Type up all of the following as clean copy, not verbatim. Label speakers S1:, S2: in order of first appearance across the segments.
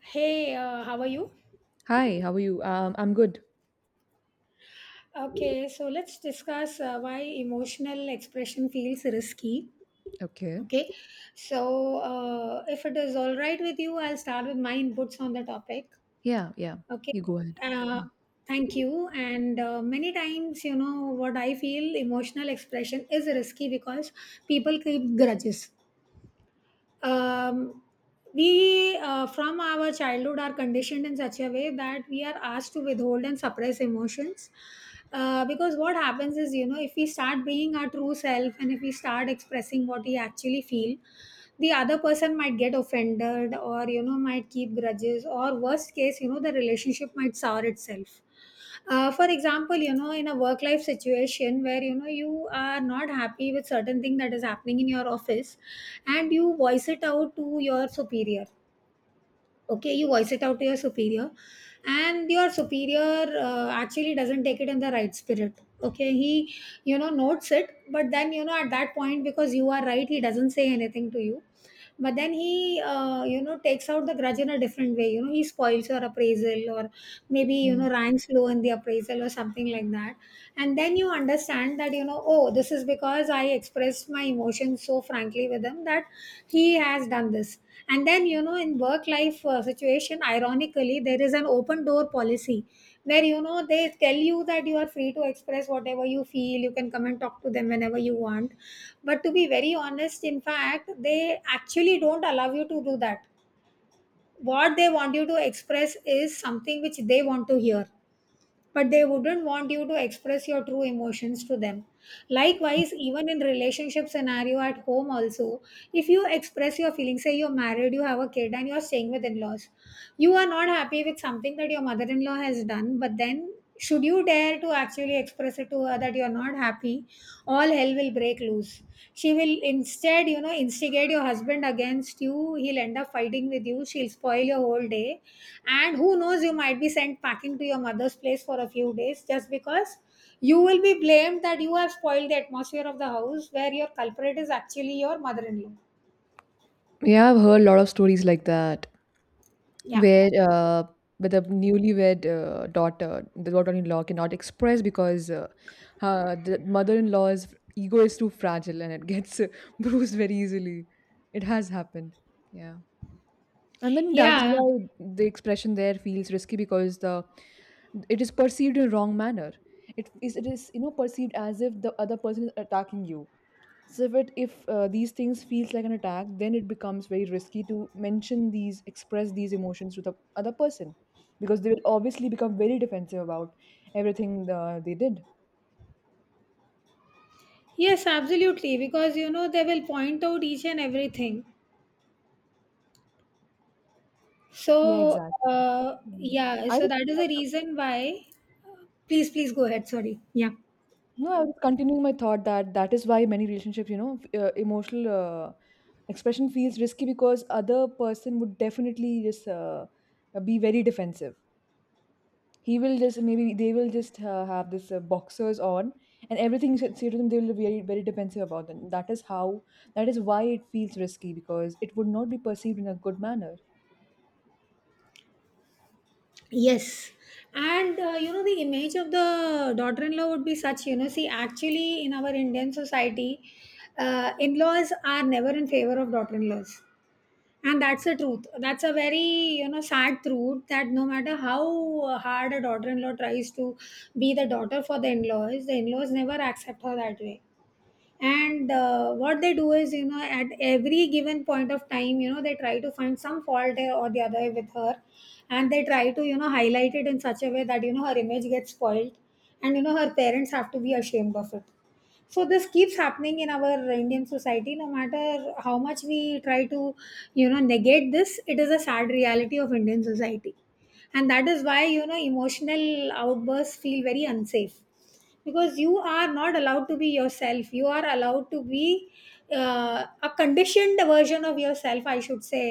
S1: How are you?
S2: Hi, how are you? I'm good.
S1: Okay, so let's discuss why emotional expression feels risky.
S2: Okay.
S1: Okay, if it is all right with you, I'll start with my inputs on the topic.
S2: Yeah, yeah.
S1: Okay,
S2: You go ahead.
S1: uh, Thank you. And Many times, what I feel emotional expression is risky because people keep grudges. Um, we From our childhood are conditioned in such a way that we are asked to withhold and suppress emotions, because what happens is, you know, if we start being our true self, and if we start expressing what we actually feel, the other person might get offended, or, you know, might keep grudges, or worst case, you know, the relationship might sour itself. For example, you know, in a work life situation where, you know, you are not happy with certain thing that is happening in your office, and you voice it out to your superior. Okay, you voice it out to your superior, and your superior actually doesn't take it in the right spirit. Okay, he, you know, notes it, but then, you know, at that point, because you are right, he doesn't say anything to you, but then he, you know, takes out the grudge in a different way. You know, he spoils your appraisal, or maybe, you
S2: Yeah,
S1: know, ranks low in the appraisal or something like that. And then you understand that, you know, oh, this is because I expressed my emotions so frankly with him that he has done this. And then, you know, in work life situation, ironically, there is an open door policy where, you know, they tell you that you are free to express whatever you feel, you can come and talk to them whenever you want. But to be very honest, in fact, they actually don't allow you to do that. What they want you to express is something which they want to hear, but they wouldn't want you to express your true emotions to them. Likewise, even in relationship scenario at home also, if you express your feelings, say you're married, you have a kid, and you're staying with in-laws, you are not happy with something that your mother-in-law has done, but then should you dare to actually express it to her that you're not happy, all hell will break loose. She will instead, you know, instigate your husband against you, he'll end up fighting with you, she'll spoil your whole day, and who knows, you might be sent packing to your mother's place for a few days just because you will be blamed that you have spoiled the atmosphere of the house, where your culprit is actually your mother in law.
S2: yeah, I've heard a lot of stories like that,
S1: Yeah.
S2: where uh, where the newlywed the daughter-in-law cannot express because the mother-in-law's ego is too fragile and it gets bruised very easily. It has happened. Yeah. And then that is
S1: Yeah.
S2: why the expression there feels risky because the it is perceived in a wrong manner. It is perceived as if the other person is attacking you. So if these things feels like an attack, then it becomes very risky to mention these, express these emotions to the other person, because they will obviously become very defensive about everything they did.
S1: Yes, absolutely. Because, you know, they will point out each and everything.
S2: Yeah,
S1: So,
S2: exactly. Mm.
S1: yeah.
S2: I
S1: So
S2: just,
S1: that is the reason why. Please, please go ahead. Sorry. Yeah.
S2: no, I was continuing my thought that that is why many relationships, emotional expression feels risky because other person would definitely just be very defensive. He will just maybe they will just have this boxers on, and everything you should say to them, they will be very, very defensive about them. That is why it feels risky because it would not be perceived in a good manner.
S1: Yes. And you know, the image of the daughter in law would be such, you know, see, actually, in our Indian society, in laws are never in favor of daughter in laws. And that's the truth. That's a very, you know, sad truth that no matter how hard a daughter in law tries to be the daughter for the in laws never accept her that way. And what they do is, you know, at every given point of time, you know, they try to find some fault, or the other with her, and they try to, you know, highlight it in such a way that, you know, her image gets spoiled, and, you know, her parents have to be ashamed of it. So this keeps happening in our Indian society. No matter how much we try to, you know, negate this, it is a sad reality of Indian society. And that is why, you know, emotional outbursts feel very unsafe, because you are not allowed to be yourself. You are allowed to be a conditioned version of yourself, I should say,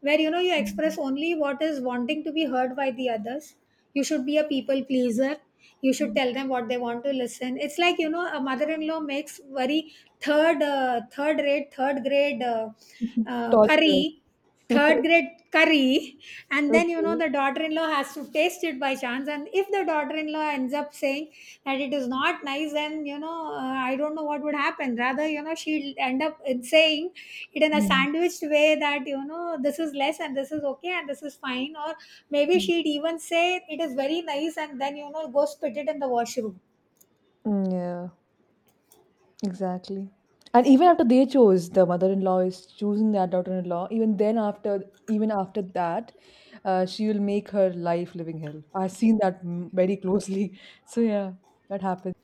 S1: where, you know, you
S2: Mm.
S1: express only what is wanting to be heard by the others. You should be a people pleaser. You should
S2: Mm.
S1: tell them what they want to listen. It's like, you know, a mother-in-law makes very third rate, third grade,
S2: torture
S1: curry, third grade curry. And then, you know,
S2: Okay.
S1: the daughter-in-law has to taste it by chance, and if the daughter-in-law ends up saying that it is not nice, then, you know, I don't know what would happen. Rather, you know, she'll end up in saying it in a
S2: Mm.
S1: sandwiched way that, you know, this is less, and this is okay, and this is fine, or maybe
S2: Mm.
S1: she'd even say it is very nice, and then, you know, go spit it in the washroom.
S2: Mm, yeah, exactly. And even after they chose the mother-in-law is choosing that daughter-in-law, even after that, she will make her life living hell. I've seen that very closely so yeah, that happens.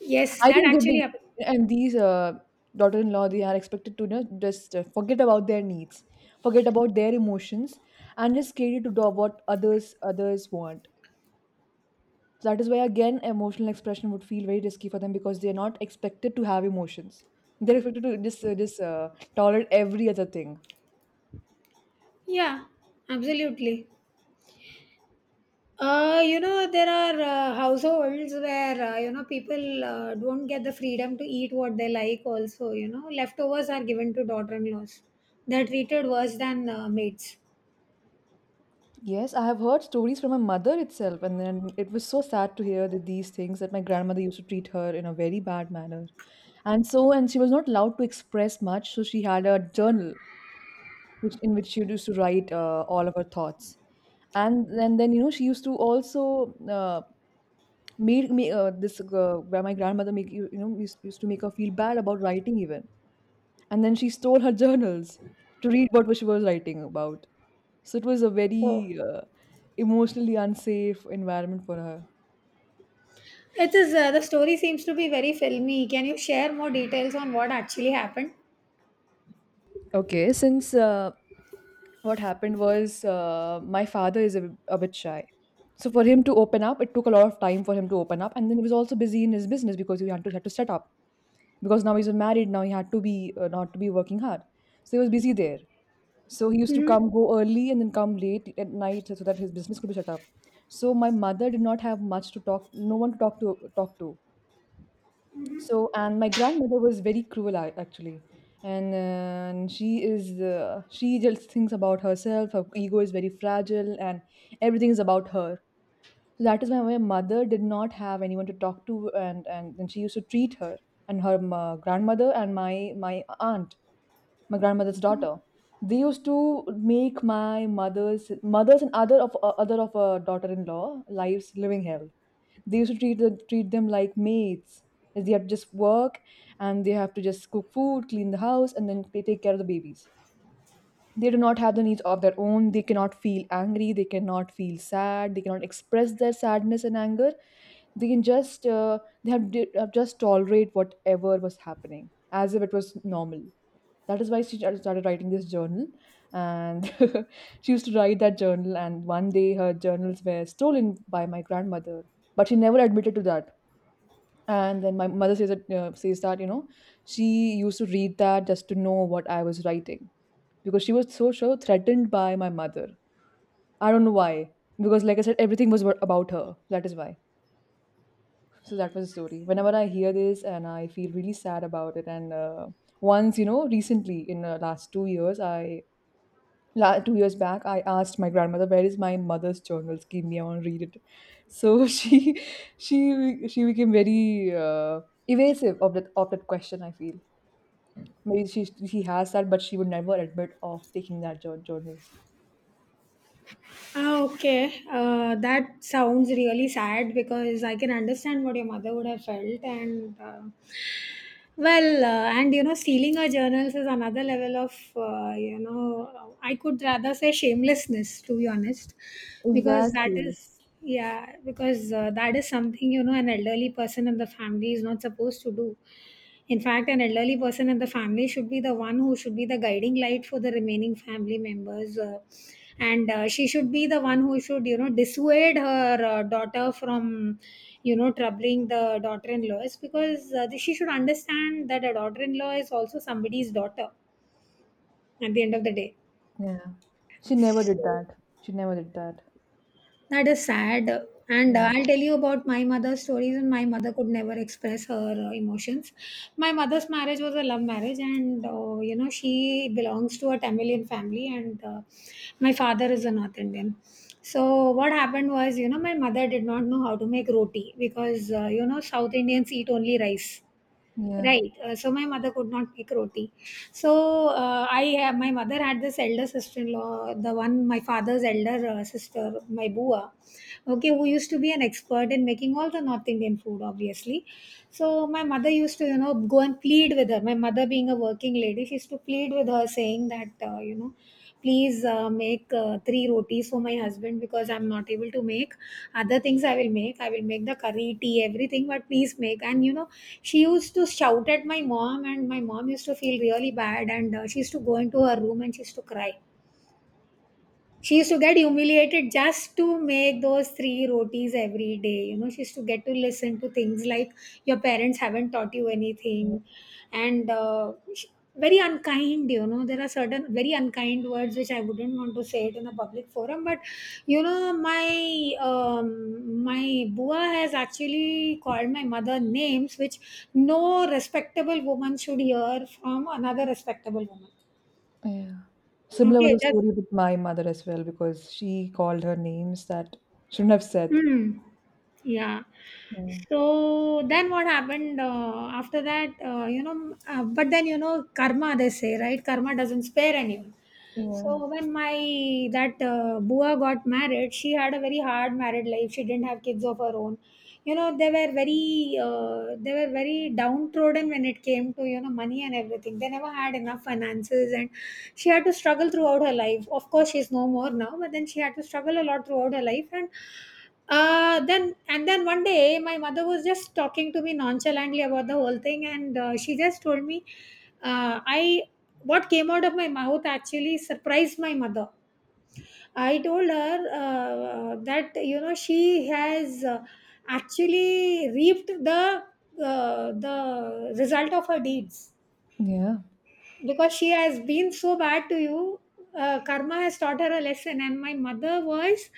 S1: Yes,
S2: I
S1: that
S2: think they
S1: actually
S2: will,
S1: happened.
S2: and these daughter-in-law, they are expected to, you know, just forget about their needs, forget about their emotions, and just cater to do what others want. So that is why again, emotional expression would feel very risky for them because they are not expected to have emotions. They're expected to just tolerate every other thing.
S1: Yeah, absolutely. You know, there are households where, you know, people don't get the freedom to eat what they like, also. You know, leftovers are given to daughter in laws. They're treated worse than maids.
S2: Yes, I have heard stories from my mother itself, and then it was so sad to hear that these things, that my grandmother used to treat her in a very bad manner. And she was not allowed to express much, so she had a journal which in which she used to write all of her thoughts. And then, she used to also made me this where my grandmother make you you know used to make her feel bad about writing even. And then she stole her journals to read what she was writing about. So it was a
S1: Oh.
S2: very emotionally unsafe environment for her.
S1: It is, the story seems to be very filmy. Can you share more details on what actually happened?
S2: Okay, since what happened was, my father is a bit shy. So for him to open up, it took a lot of time for him to open up, and then he was also busy in his business because he had to set up because now he's married. Now he had to be, not to be, working hard, so he was busy there. So he used to
S1: Mm-hmm.
S2: come go early and then come late at night so that his business could be shut up. So my mother did not have much to talk, no one to talk to. So and my grandmother was very cruel, actually, and she just thinks about herself. Her ego is very fragile, and everything is about her. So that is why my mother did not have anyone to talk to, and then she used to treat her, and her grandmother and my aunt, my grandmother's daughter. They used to make my mother's mothers and other of her daughter-in-law lives living hell. They used to treat them like maids. They have to just work, and they have to just cook food, clean the house, and then they take care of the babies. They do not have the needs of their own. They cannot feel angry, they cannot feel sad, they cannot express their sadness and anger. They can just they have di- just tolerate whatever was happening as if it was normal. That is why she started writing this journal, and she used to write that journal, and one day her journals were stolen by my grandmother, but she never admitted to that. And then my mother says that, you know, she used to read that just to know what I was writing, because she was so so threatened by my mother. I don't know why, because like I said, everything was about her, that is why. So that was the story. Whenever I hear this, and I feel really sad about it. And once, recently, in the last 2 years, I 2 years back I asked my grandmother, where is my mother's journals, give me, I want to read it. So she she became very uh, evasive of that question, I feel. Maybe she has that, but she would never admit of taking that journals.
S1: Ah, okay. That sounds really sad, because I can understand what your mother would have felt, and well, and you know, stealing our journals is another level of, you know, I could rather say shamelessness, to be honest, because that
S2: Exactly.
S1: is, yeah, because that is something, you know, an elderly person in the family is not supposed to do. In fact, an elderly person in the family should be the one who should be the guiding light for the remaining family members. And She should be the one who should, you know, dissuade her daughter from, you know, troubling the daughter-in-law, is because she should understand that a daughter-in-law is also somebody's daughter at the end of the day.
S2: Yeah, she never did that. She never did that.
S1: That is sad. And
S2: Yeah,
S1: I'll tell you about my mother's stories, and my mother could never express her emotions. My mother's marriage was a love marriage, and you know, she belongs to a Tamilian family, and my father is a North Indian. So, what happened was, you know, my mother did not know how to make roti because, you know, South Indians eat only rice.
S2: yeah,
S1: Right. So my mother could not make roti. My mother had this elder sister-in-law, the one my father's elder sister, my bua, okay, who used to be an expert in making all the North Indian food, obviously. So my mother used to, you know, go and plead with her. My mother, being a working lady, she used to plead with her, saying that, you know, please make three rotis for my husband, because I'm not able to make other things. I will make the curry, tea, everything, but please make. And you know, she used to shout at my mom, and my mom used to feel really bad, and she used to go into her room and she used to cry. She used to get humiliated just to make those three rotis every day. You know, she used to get to listen to things like, your parents haven't taught you anything, and uh, sh- very unkind. You know, there are certain very unkind words which I wouldn't want to say it in a public forum. But you know, my my bua has actually called my mother names which no respectable woman should hear from another respectable woman.
S2: yeah, similar was
S1: Okay,
S2: the
S1: just.
S2: story with my mother as well, because she called her names that shouldn't have said.
S1: Hmm. Yeah.
S2: Mm.
S1: So then what happened after that? You know, but then you know, karma they say, right? Karma doesn't spare anyone.
S2: Yeah,
S1: So when my that Bua got married, she had a very hard married life. She didn't have kids of her own. You know, they were very downtrodden when it came to, you know, money and everything. They never had enough finances, and she had to struggle throughout her life. Of course, she's no more now, but then she had to struggle a lot throughout her life. And then one day, my mother was just talking to me nonchalantly about the whole thing, and she just told me, I what came out of my mouth actually surprised my mother. I told her, that you know, she has, actually reaped the, the result of her deeds,
S2: yeah.
S1: because she has been so bad to you. Karma has taught her a lesson, and my mother was,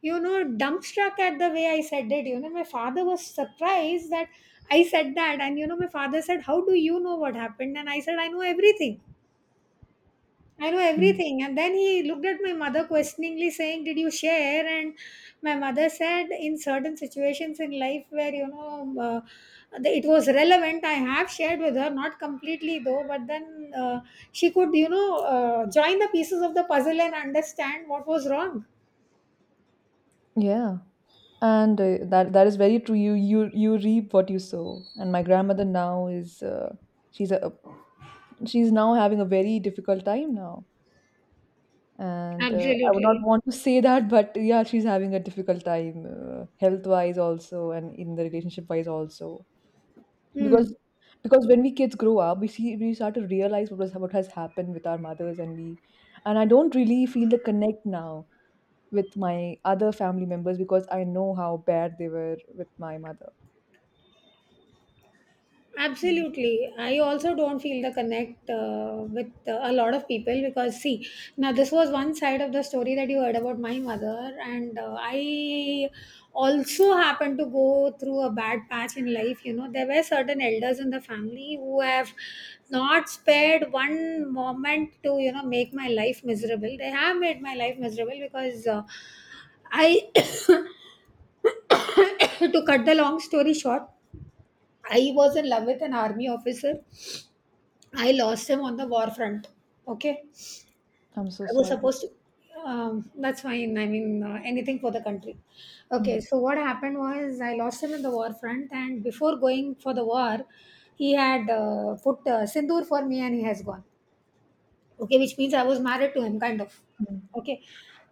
S1: you know, dumbstruck at the way I said it. You know, my father was surprised that I said that, and you know, my father said, "How do you know what happened?" And I said, "I know everything." I know
S2: Mm.
S1: everything. And then he looked at my mother questioningly, saying, "Did you share?" And my mother said, "In certain situations in life where, it was relevant, I have shared with her, not completely though, but then she could, join the pieces of the puzzle and understand what was wrong."
S2: Yeah. And that is very true. You reap what you sow. And my grandmother now is she's a she's now having a very difficult time now. And I would not
S1: Absolutely.
S2: want to say that, but yeah, she's having a difficult time, health wise also, and in the relationship wise also.
S1: Hmm.
S2: Because because when we kids grow up, we start to realize what has happened with our mothers, and we and I don't really feel the connect now with my other family members because I know how bad they were with my mother. Mm.
S1: Absolutely. I also don't feel the connect with a lot of people because, see, now this was one side of the story that you heard about my mother, and I also happened to go through a bad patch in life. You know, there were certain elders in the family who have not spared one moment to, you know, make my life miserable. They have made my life miserable because I, to cut the long story short, I was in love with an army officer. I lost him on the war front. Okay,
S2: I'm so
S1: I was
S2: sorry.
S1: supposed to. That's fine. I mean, anything for the country. Okay,
S2: Mm,
S1: so what happened was I lost him in the war front, and before going for the war, he had put sindoor for me, and he has gone. Okay, which means I was married to him, kind of.
S2: mm.
S1: Okay,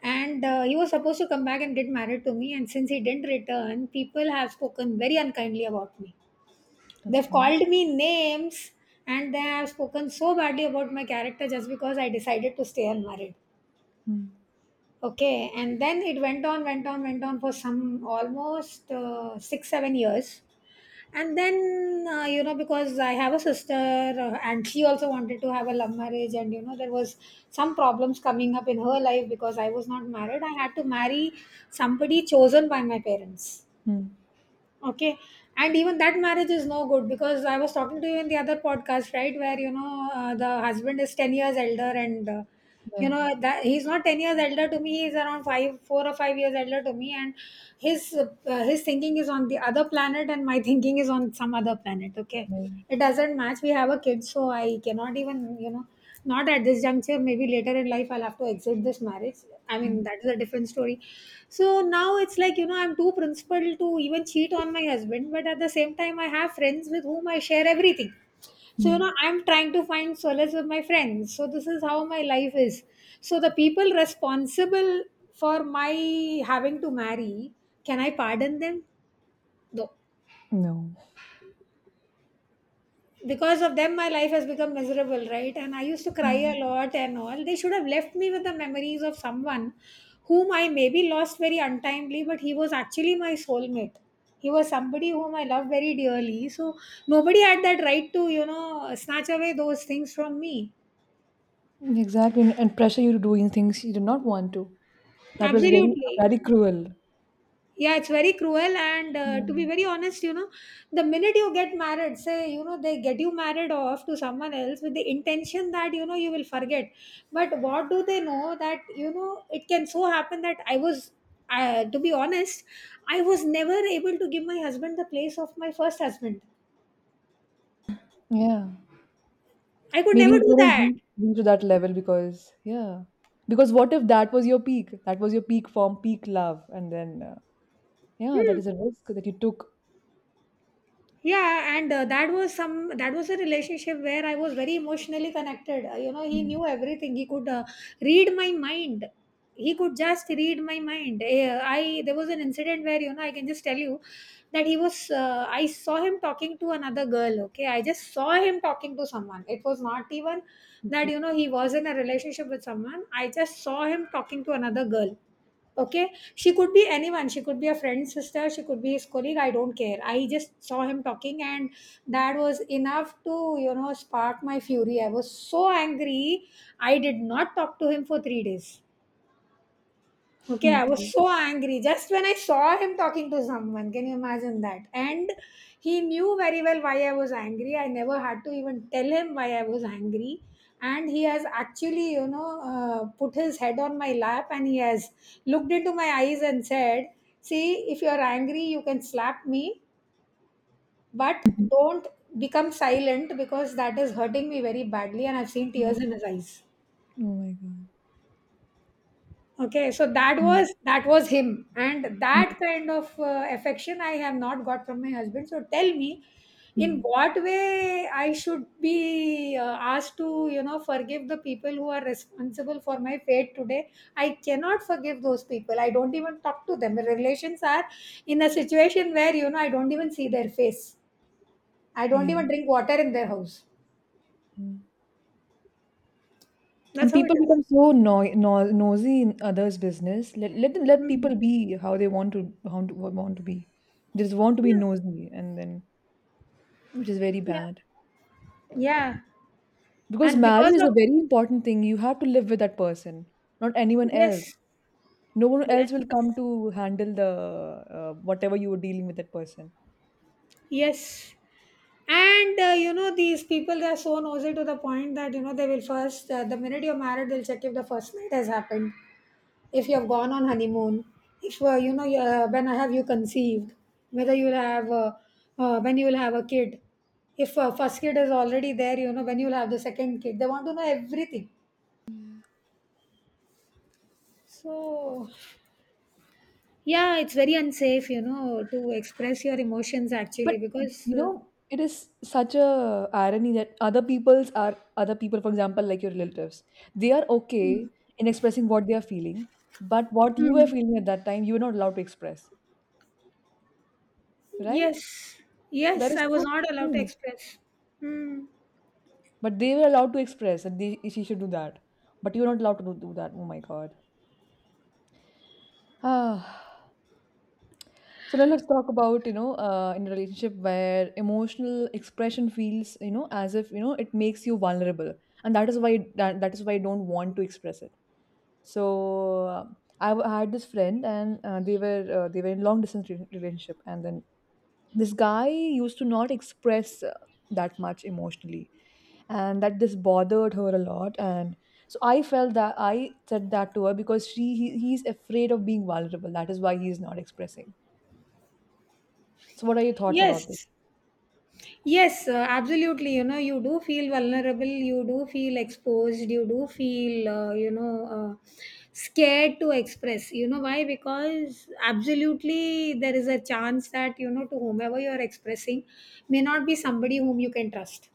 S1: and he was supposed to come back and get married to me, and since he didn't return, people have spoken very unkindly about me. They've
S2: Okay.
S1: called me names, and they have spoken so badly about my character just because I decided to stay unmarried.
S2: Mm,
S1: Okay, and then it went on, went on, went on for some almost 6, 7 years. And then, you know, because I have a sister and she also wanted to have a love marriage, and you know, there was some problems coming up in her life because I was not married. I had to marry somebody chosen by my parents.
S2: mm.
S1: Okay, and even that marriage is no good because I was talking to you in the other podcast, right, where you know, the husband is 10 years elder, and you
S2: Yeah.
S1: know that he's not 10 years elder to me, he's around 5 4 or 5 years elder to me, and his thinking is on the other planet and my thinking is on some other planet. Okay,
S2: Yeah,
S1: it doesn't match. We have a kid, so I cannot even, you know, not at this juncture, maybe later in life I'll have to exit this marriage. I mean,
S2: mm,
S1: that is a different story. So now it's like, you know, I'm too principled to even cheat on my husband, but at the same time I have friends with whom I share everything. So you
S2: mm.
S1: know, I'm trying to find solace with my friends. So this is how my life is. So the people responsible for my having to marry, can I pardon them? No.
S2: No.
S1: Because of them my life has become miserable, right? And I used to cry
S2: Mm.
S1: a lot and all. They should have left me with the memories of someone whom I maybe lost very untimely, but he was actually my soulmate. He was somebody whom I love very dearly. So nobody had that right to, you know, snatch away those things from me.
S2: Exactly. And pressure you to doing things you did not want to. That was very,
S1: Absolutely.
S2: very cruel.
S1: Yeah, it's very cruel. And to be
S2: Yeah.
S1: very honest, you know, the minute you get married, say, you know, they get you married off to someone else with the intention that, you know, you will forget. But what do they know that, you know, it can so happen that I was, to be honest, I was never able to give my husband the place of my first husband.
S2: Yeah.
S1: I could
S2: Maybe
S1: never
S2: you
S1: do
S2: couldn't
S1: that.
S2: reach to that level, because yeah. Because what if that was your peak? That was your peak form, peak love. And then, yeah, that
S1: Hmm.
S2: is a risk that you took.
S1: Yeah, and that was a relationship where I was very emotionally connected. You know, he knew everything. He could read my mind, he could just read my mind. Eh, I There was an incident where you know I can just tell you that he was I saw him talking to another girl. Okay, I just saw him talking to someone. It was not even that you know he was in a relationship with someone, I just saw him talking to another girl. Okay? She could be anyone. She could be a friend's sister. She could be his colleague. I don't care. I just saw him talking, and that was enough to, you know, spark my fury. I was so angry. I did not talk to him for 3 days. Okay, I was
S2: Okay.
S1: so angry just when I saw him talking to someone. Can you imagine that? And he knew very well why I was angry. I never had to even tell him why I was angry. And he has actually, you know, put his head on my lap and he has looked into my eyes and said, "See, if you're angry, you can slap me, but don't become silent, because that is hurting me very badly." And I've seen tears
S2: Mm.
S1: in his eyes.
S2: Oh my God.
S1: Okay, so that
S2: Mm,
S1: was that was him, and
S2: mm,
S1: that kind of affection I have not got from my husband. So tell me, in
S2: mm.
S1: what way I should be asked to, you know, forgive the people who are responsible for my fate today? I cannot forgive those people. I don't even talk to them. My relations are in a situation where you know I don't even see their face. I don't even
S2: Yeah.
S1: drink water in their house.
S2: Mm.
S1: That's
S2: And
S1: how it
S2: people
S1: is.
S2: become so no, no, nosy in others' business. Let them let
S1: Mm.
S2: people be how they want to, want to be. They just want to be
S1: Yeah,
S2: nosy, and then which is very
S1: yeah,
S2: bad,
S1: yeah.
S2: because
S1: And
S2: marriage
S1: because
S2: is
S1: of,
S2: a very important thing. You have to live with that person, not anyone else.
S1: yes,
S2: No one else
S1: yes.
S2: will come to handle the whatever you were dealing with that person.
S1: Yes, and you know these people, they are so nosy to the point that you know they will first, the minute you're married, they'll check if the first night has happened, if you have gone on honeymoon, if you know when have you conceived, whether you'll have when you'll have a kid, if first kid is already there, you know when you'll have the second kid. They want to know everything. So yeah, it's very unsafe, you know, to express your emotions
S2: But
S1: actually because.
S2: you know, it is such a irony that other people, for example, like your relatives, they are okay in expressing what they are feeling, but what you were
S1: Hmm.
S2: feeling at that time, you were not allowed to express, right?
S1: Yes,
S2: That
S1: yes,
S2: is
S1: I was
S2: so
S1: not allowed to
S2: strange.
S1: express. Hmm.
S2: But they were allowed to express, and they, she should do that, but you were not allowed to do, do that. Oh my God. Ah. So now let's talk about, you know, in a relationship where emotional expression feels, you know, as if, you know, it makes you vulnerable. And that is why that is why I don't want to express it. So I had this friend, and they were in long distance relationship, and then this guy used to not express that much emotionally, and that this bothered her a lot. And so I felt that, I said that to her, because he's afraid of being vulnerable. That is why he is not expressing. So what are your thoughts about this?
S1: Yes, yes, absolutely. You know, you do feel vulnerable, you do feel exposed, you do feel, you know, uh, scared to express. You know why? Because absolutely there is a chance that, you know, to whomever you're expressing may not be somebody whom you can trust.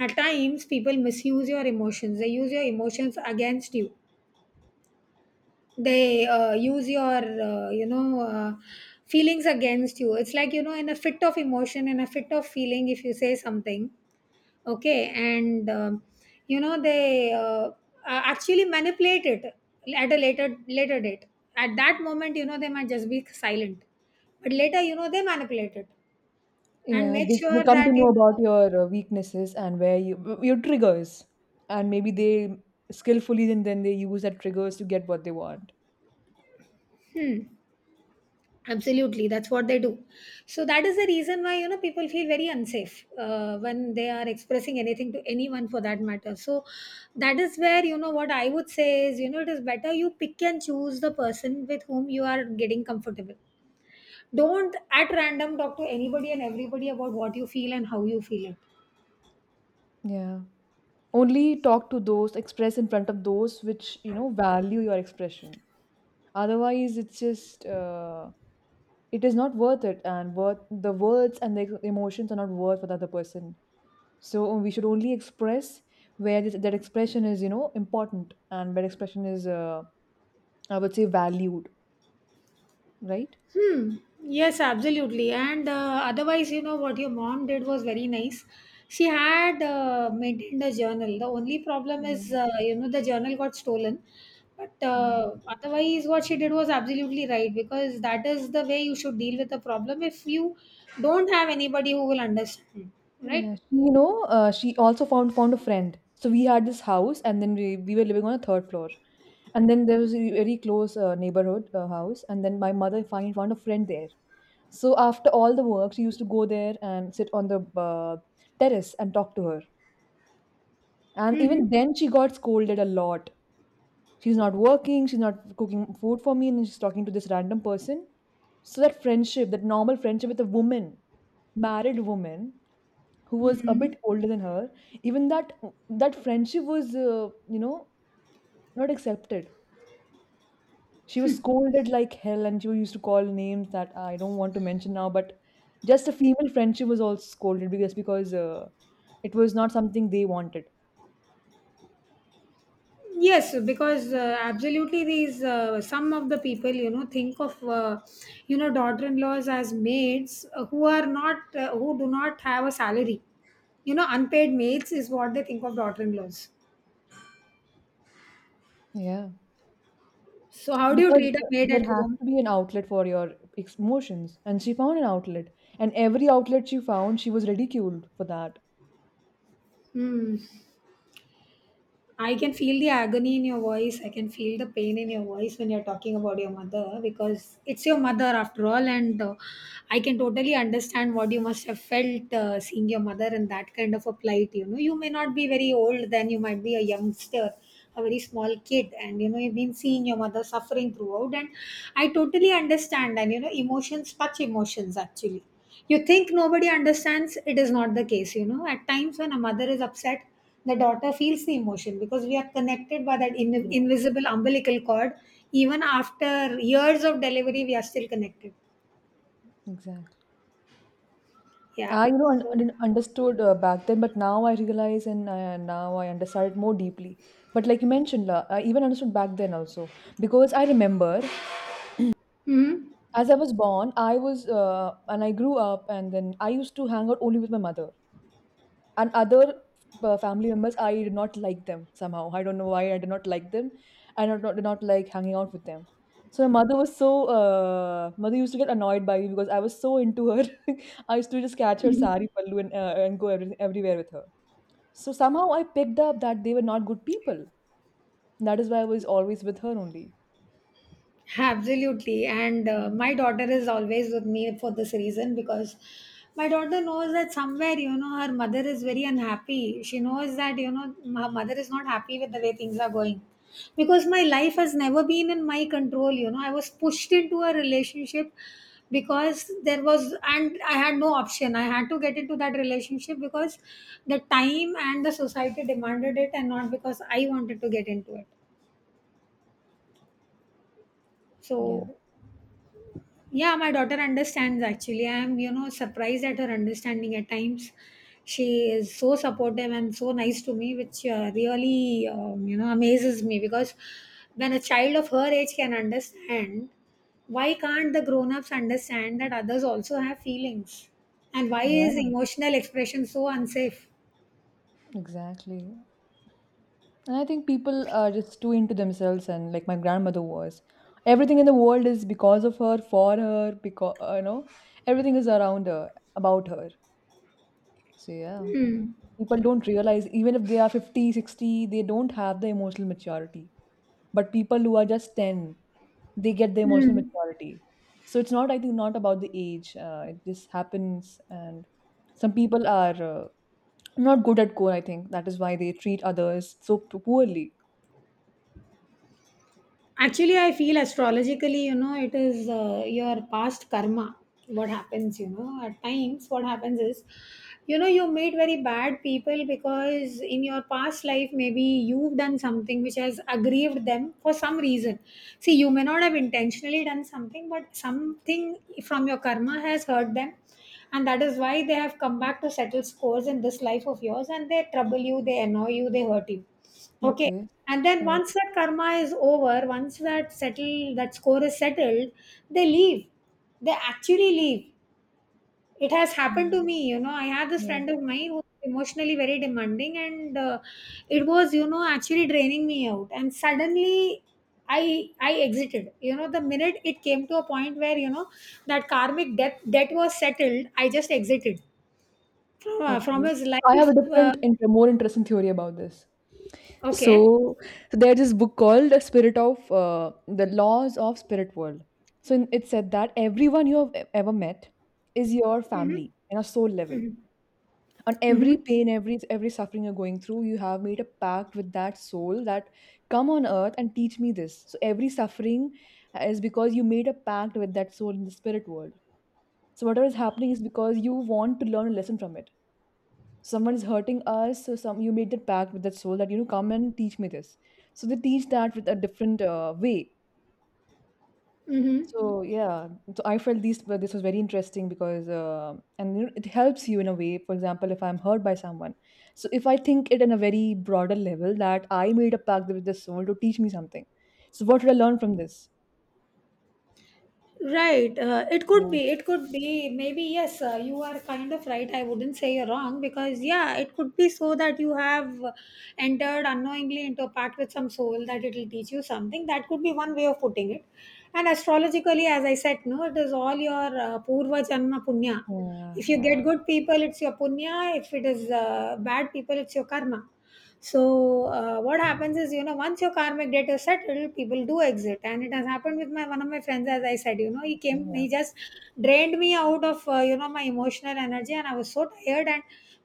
S1: At times, people misuse your emotions, they use your emotions against you. They use your feelings against you. It's like, you know, in a fit of emotion, in a fit of feeling, if you say something, okay, and you know they actually manipulate it at a later date. At that moment, you know, they might just be silent, but later, you know, they manipulate it and
S2: Yeah,
S1: make
S2: they
S1: sure
S2: come
S1: that
S2: to know
S1: you
S2: about
S1: know.
S2: your weaknesses and where your triggers, and maybe they skillfully and then they use that triggers to get what they want.
S1: Absolutely, that's what they do. So that is the reason why you know people feel very unsafe when they are expressing anything to anyone, for that matter. So that is where, you know, what I would say is, you know, it is better you pick and choose the person with whom you are getting comfortable. Don't at random talk to anybody and everybody about what you feel and how you feel it.
S2: Yeah. Only talk to those, express in front of those which value your expression. Otherwise, it's just, it is not worth it. And the words and the emotions are not worth for the other person. So we should only express where that expression is important, and where expression is, I would say, valued, right?
S1: Hmm. Yes, absolutely. And otherwise, you know, what your mom did was very nice. She had maintained a journal. The only problem
S2: Yeah,
S1: is, you know, the journal got stolen. But
S2: yeah,
S1: otherwise, what she did was absolutely right because that is the way you should deal with a problem if you don't have anybody who will understand, right?
S2: yeah. You know, she also found a friend. So we had this house, and then we were living on a third floor, and then there was a very close neighborhood house, and then my mother finally found a friend there. So after all the work, she used to go there and sit on the uh, terrace and talk to her. And even then, she got scolded a lot. She's not working, she's not cooking food for me, and then she's talking to this random person. So that friendship, that normal friendship with a woman, married woman, who was a
S1: Mm-hmm.
S2: bit older than her, even that, that friendship was you know not accepted. She was scolded like hell, and she used to call names that I don't want to mention now. But just a female friendship was also scolded, because it was not something they wanted.
S1: Yes, because absolutely, these some of the people, you know, think of you know, daughter-in-laws as maids, who are not, who do not have a salary. You know, unpaid maids is what they think of daughter-in-laws.
S2: Yeah,
S1: So how do you
S2: because
S1: treat a maid at
S2: there has
S1: home?
S2: to be an outlet for your emotions, and she found an outlet, and every outlet she found, she was ridiculed for that.
S1: Hmm. I can feel the agony in your voice. I can feel the pain in your voice when you're talking about your mother because it's your mother after all. And I can totally understand what you must have felt seeing your mother in that kind of a plight. You know, you may not be very old, then you might be a youngster, a very small kid. And, you know, you've been seeing your mother suffering throughout. And I totally understand. And, you know, emotions touch emotions actually. You think nobody understands, it is not the case. You know, at times when a mother is upset, the daughter feels the emotion because we are connected by that in-
S2: Yeah,
S1: invisible umbilical cord. Even after years of delivery, we are still connected.
S2: exactly.
S1: Yeah.
S2: i you know un-
S1: So,
S2: un- understood uh, back then, but now I realize, and now I understand it more deeply. But like you mentioned la, I even understood back then also, because I remember,
S1: hmm.
S2: as I was born, I was and I grew up, and then I used to hang out only with my mother, and other family members. I did not like them, somehow. I don't know why I did not like them. I did not like hanging out with them. So my mother was so mother used to get annoyed by me because I was so into her. I used to just catch her sari pallu and go everywhere with her. So somehow I picked up that they were not good people. That is why I was always with her only.
S1: Absolutely. And my daughter is always with me for this reason because my daughter knows that somewhere, you know, her mother is very unhappy. She knows that, you know, her mother is not happy with the way things are going. Because my life has never been in my control, you know, I was pushed into a relationship because there was, and I had no option. I had to get into that relationship because the time and the society demanded it and not because I wanted to get into it.
S2: Yeah.
S1: So Yeah, my daughter understands actually. I'm surprised at her understanding at times. She is so supportive and so nice to me, which really, amazes me because when a child of her age can understand, why can't the grown ups understand that others also have feelings? And why is
S2: Yeah.
S1: emotional expression so unsafe?
S2: Exactly. And I think people are just too into themselves, and like my grandmother was. Everything in the world is because of her, for her, because, everything is around her, about her. So, yeah,
S1: Hmm.
S2: people don't realize, even if they are 50, 60, they don't have the emotional maturity. But people who are just 10, they get the emotional
S1: Hmm.
S2: maturity. So, it's not, I think, not about the age. It just happens. And some people are not good at core, I think. That is why they treat others so poorly.
S1: Actually, I feel astrologically, you know, it is your past karma. What happens, you know, at times, what happens is, you know, you meet very bad people because in your past life, maybe you've done something which has aggrieved them for some reason. See, you may not have intentionally done something, but something from your karma has hurt them. And that is why they have come back to settle scores in this life of yours and they trouble you, they annoy you, they hurt you. Okay.
S2: Okay.
S1: And then
S2: Yeah.
S1: once that karma is over, once that settle that score is settled, they leave. They actually leave. It has happened
S2: Yeah.
S1: to me. You know, I had this
S2: Yeah.
S1: friend of mine who was emotionally very demanding, and it was, you know, actually draining me out. And suddenly, I exited. You know, the minute it came to a point where, you know, that karmic debt was settled, I just exited
S2: Okay.
S1: from his
S2: So I have a
S1: life.
S2: more interesting theory about this.
S1: Okay.
S2: So, so there's this book called The Spirit of The Laws of Spirit World. So it said that everyone you have ever met is your
S1: Mm-hmm.
S2: family in a soul level.
S1: Mm-hmm.
S2: On every
S1: Mm-hmm.
S2: pain, every suffering you're going through, you have made a pact with that soul that come on earth and teach me this. So every suffering is because you made a pact with that soul in the spirit world. So whatever is happening is because you want to learn a lesson from it. Someone is hurting us, so some you made that pact with that soul that, you know, come and teach me this. So they teach that with a different way.
S1: Mm-hmm.
S2: So yeah, so I felt this was very interesting, because and you know, it helps you in a way. For example, if I'm hurt by someone, so if I think it in a very broader level that I made a pact with the soul to teach me something. So what should I learn from this?
S1: Right. It could
S2: Yeah,
S1: be. It could be. Maybe, yes, you are kind of right. I wouldn't say you're wrong because, yeah, it could be so that you have entered unknowingly into a pact with some soul that it'll teach you something. That could be one way of putting it. And astrologically, as I said, no, it is all your Purva Janma Punya.
S2: yeah,
S1: If you
S2: yeah,
S1: get good people, it's your punya. If it is bad people, it's your karma. So what happens is, you know, once your karmic debt is settled, people do exit. And it has happened with my one of my friends, as I said, you know, he
S2: okay,
S1: came,
S2: yeah.
S1: he just drained me out of you know, my emotional energy, and I was so tired. And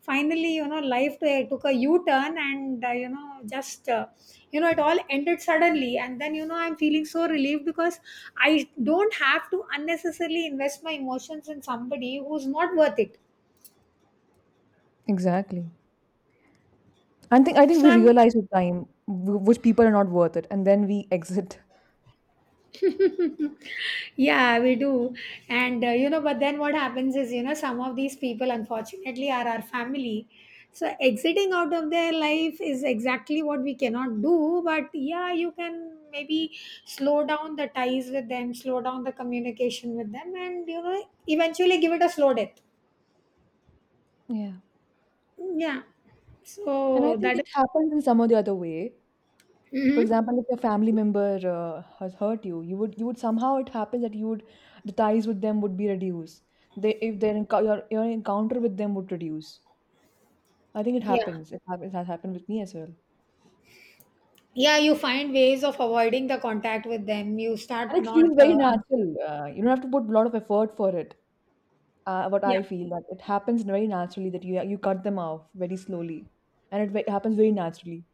S1: finally, you know, life took a u-turn and you know, just you know, it all ended suddenly. And then, you know, I'm feeling so relieved because I don't have to unnecessarily invest my emotions in somebody who's not worth it.
S2: Exactly. I think
S1: So
S2: we
S1: I'm,
S2: realize with time which people are not worth it, and then we exit.
S1: yeah, we do. And, you know, but then what happens is, you know, some of these people, unfortunately, are our family. So exiting out of their life is exactly what we cannot do. But yeah, you can maybe slow down the ties with them, slow down the communication with them, and, you know, eventually give it a slow death.
S2: Yeah,
S1: Mm, yeah.
S2: and I
S1: So
S2: think
S1: that.
S2: it happens in some or the other way. For
S1: Mm-hmm.
S2: example, if your family member has hurt you, you would somehow, it happens that you would, the ties with them would be reduced. They, if their your encounter with them would reduce. I think it
S1: Yeah.
S2: happens. It happens. It has happened with me as well,
S1: Yeah, you find ways of avoiding the contact with them. You
S2: and
S1: start
S2: it
S1: not
S2: feels very
S1: answering.
S2: natural. You don't have to put a lot of effort for it. What
S1: Yeah.
S2: I feel that it happens very naturally, that you cut them off very slowly, and it happens very naturally.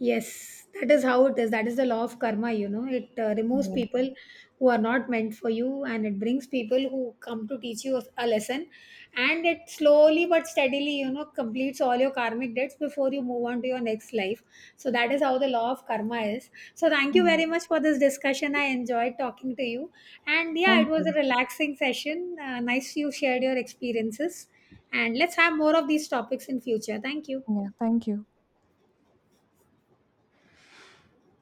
S1: Yes, that is how it is. That is the law of karma, you know. It removes
S2: Yeah.
S1: people who are not meant for you, and it brings people who come to teach you a lesson. And it slowly but steadily, you know, completes all your karmic debts before you move on to your next life. So that is how the law of karma is. So thank you
S2: Mm.
S1: very much for this discussion. I enjoyed talking to you. And yeah, it
S2: Thank
S1: was a
S2: you.
S1: relaxing session. Nice you shared your experiences. And let's have more of these topics in future. Thank you.
S2: Yeah. Thank you.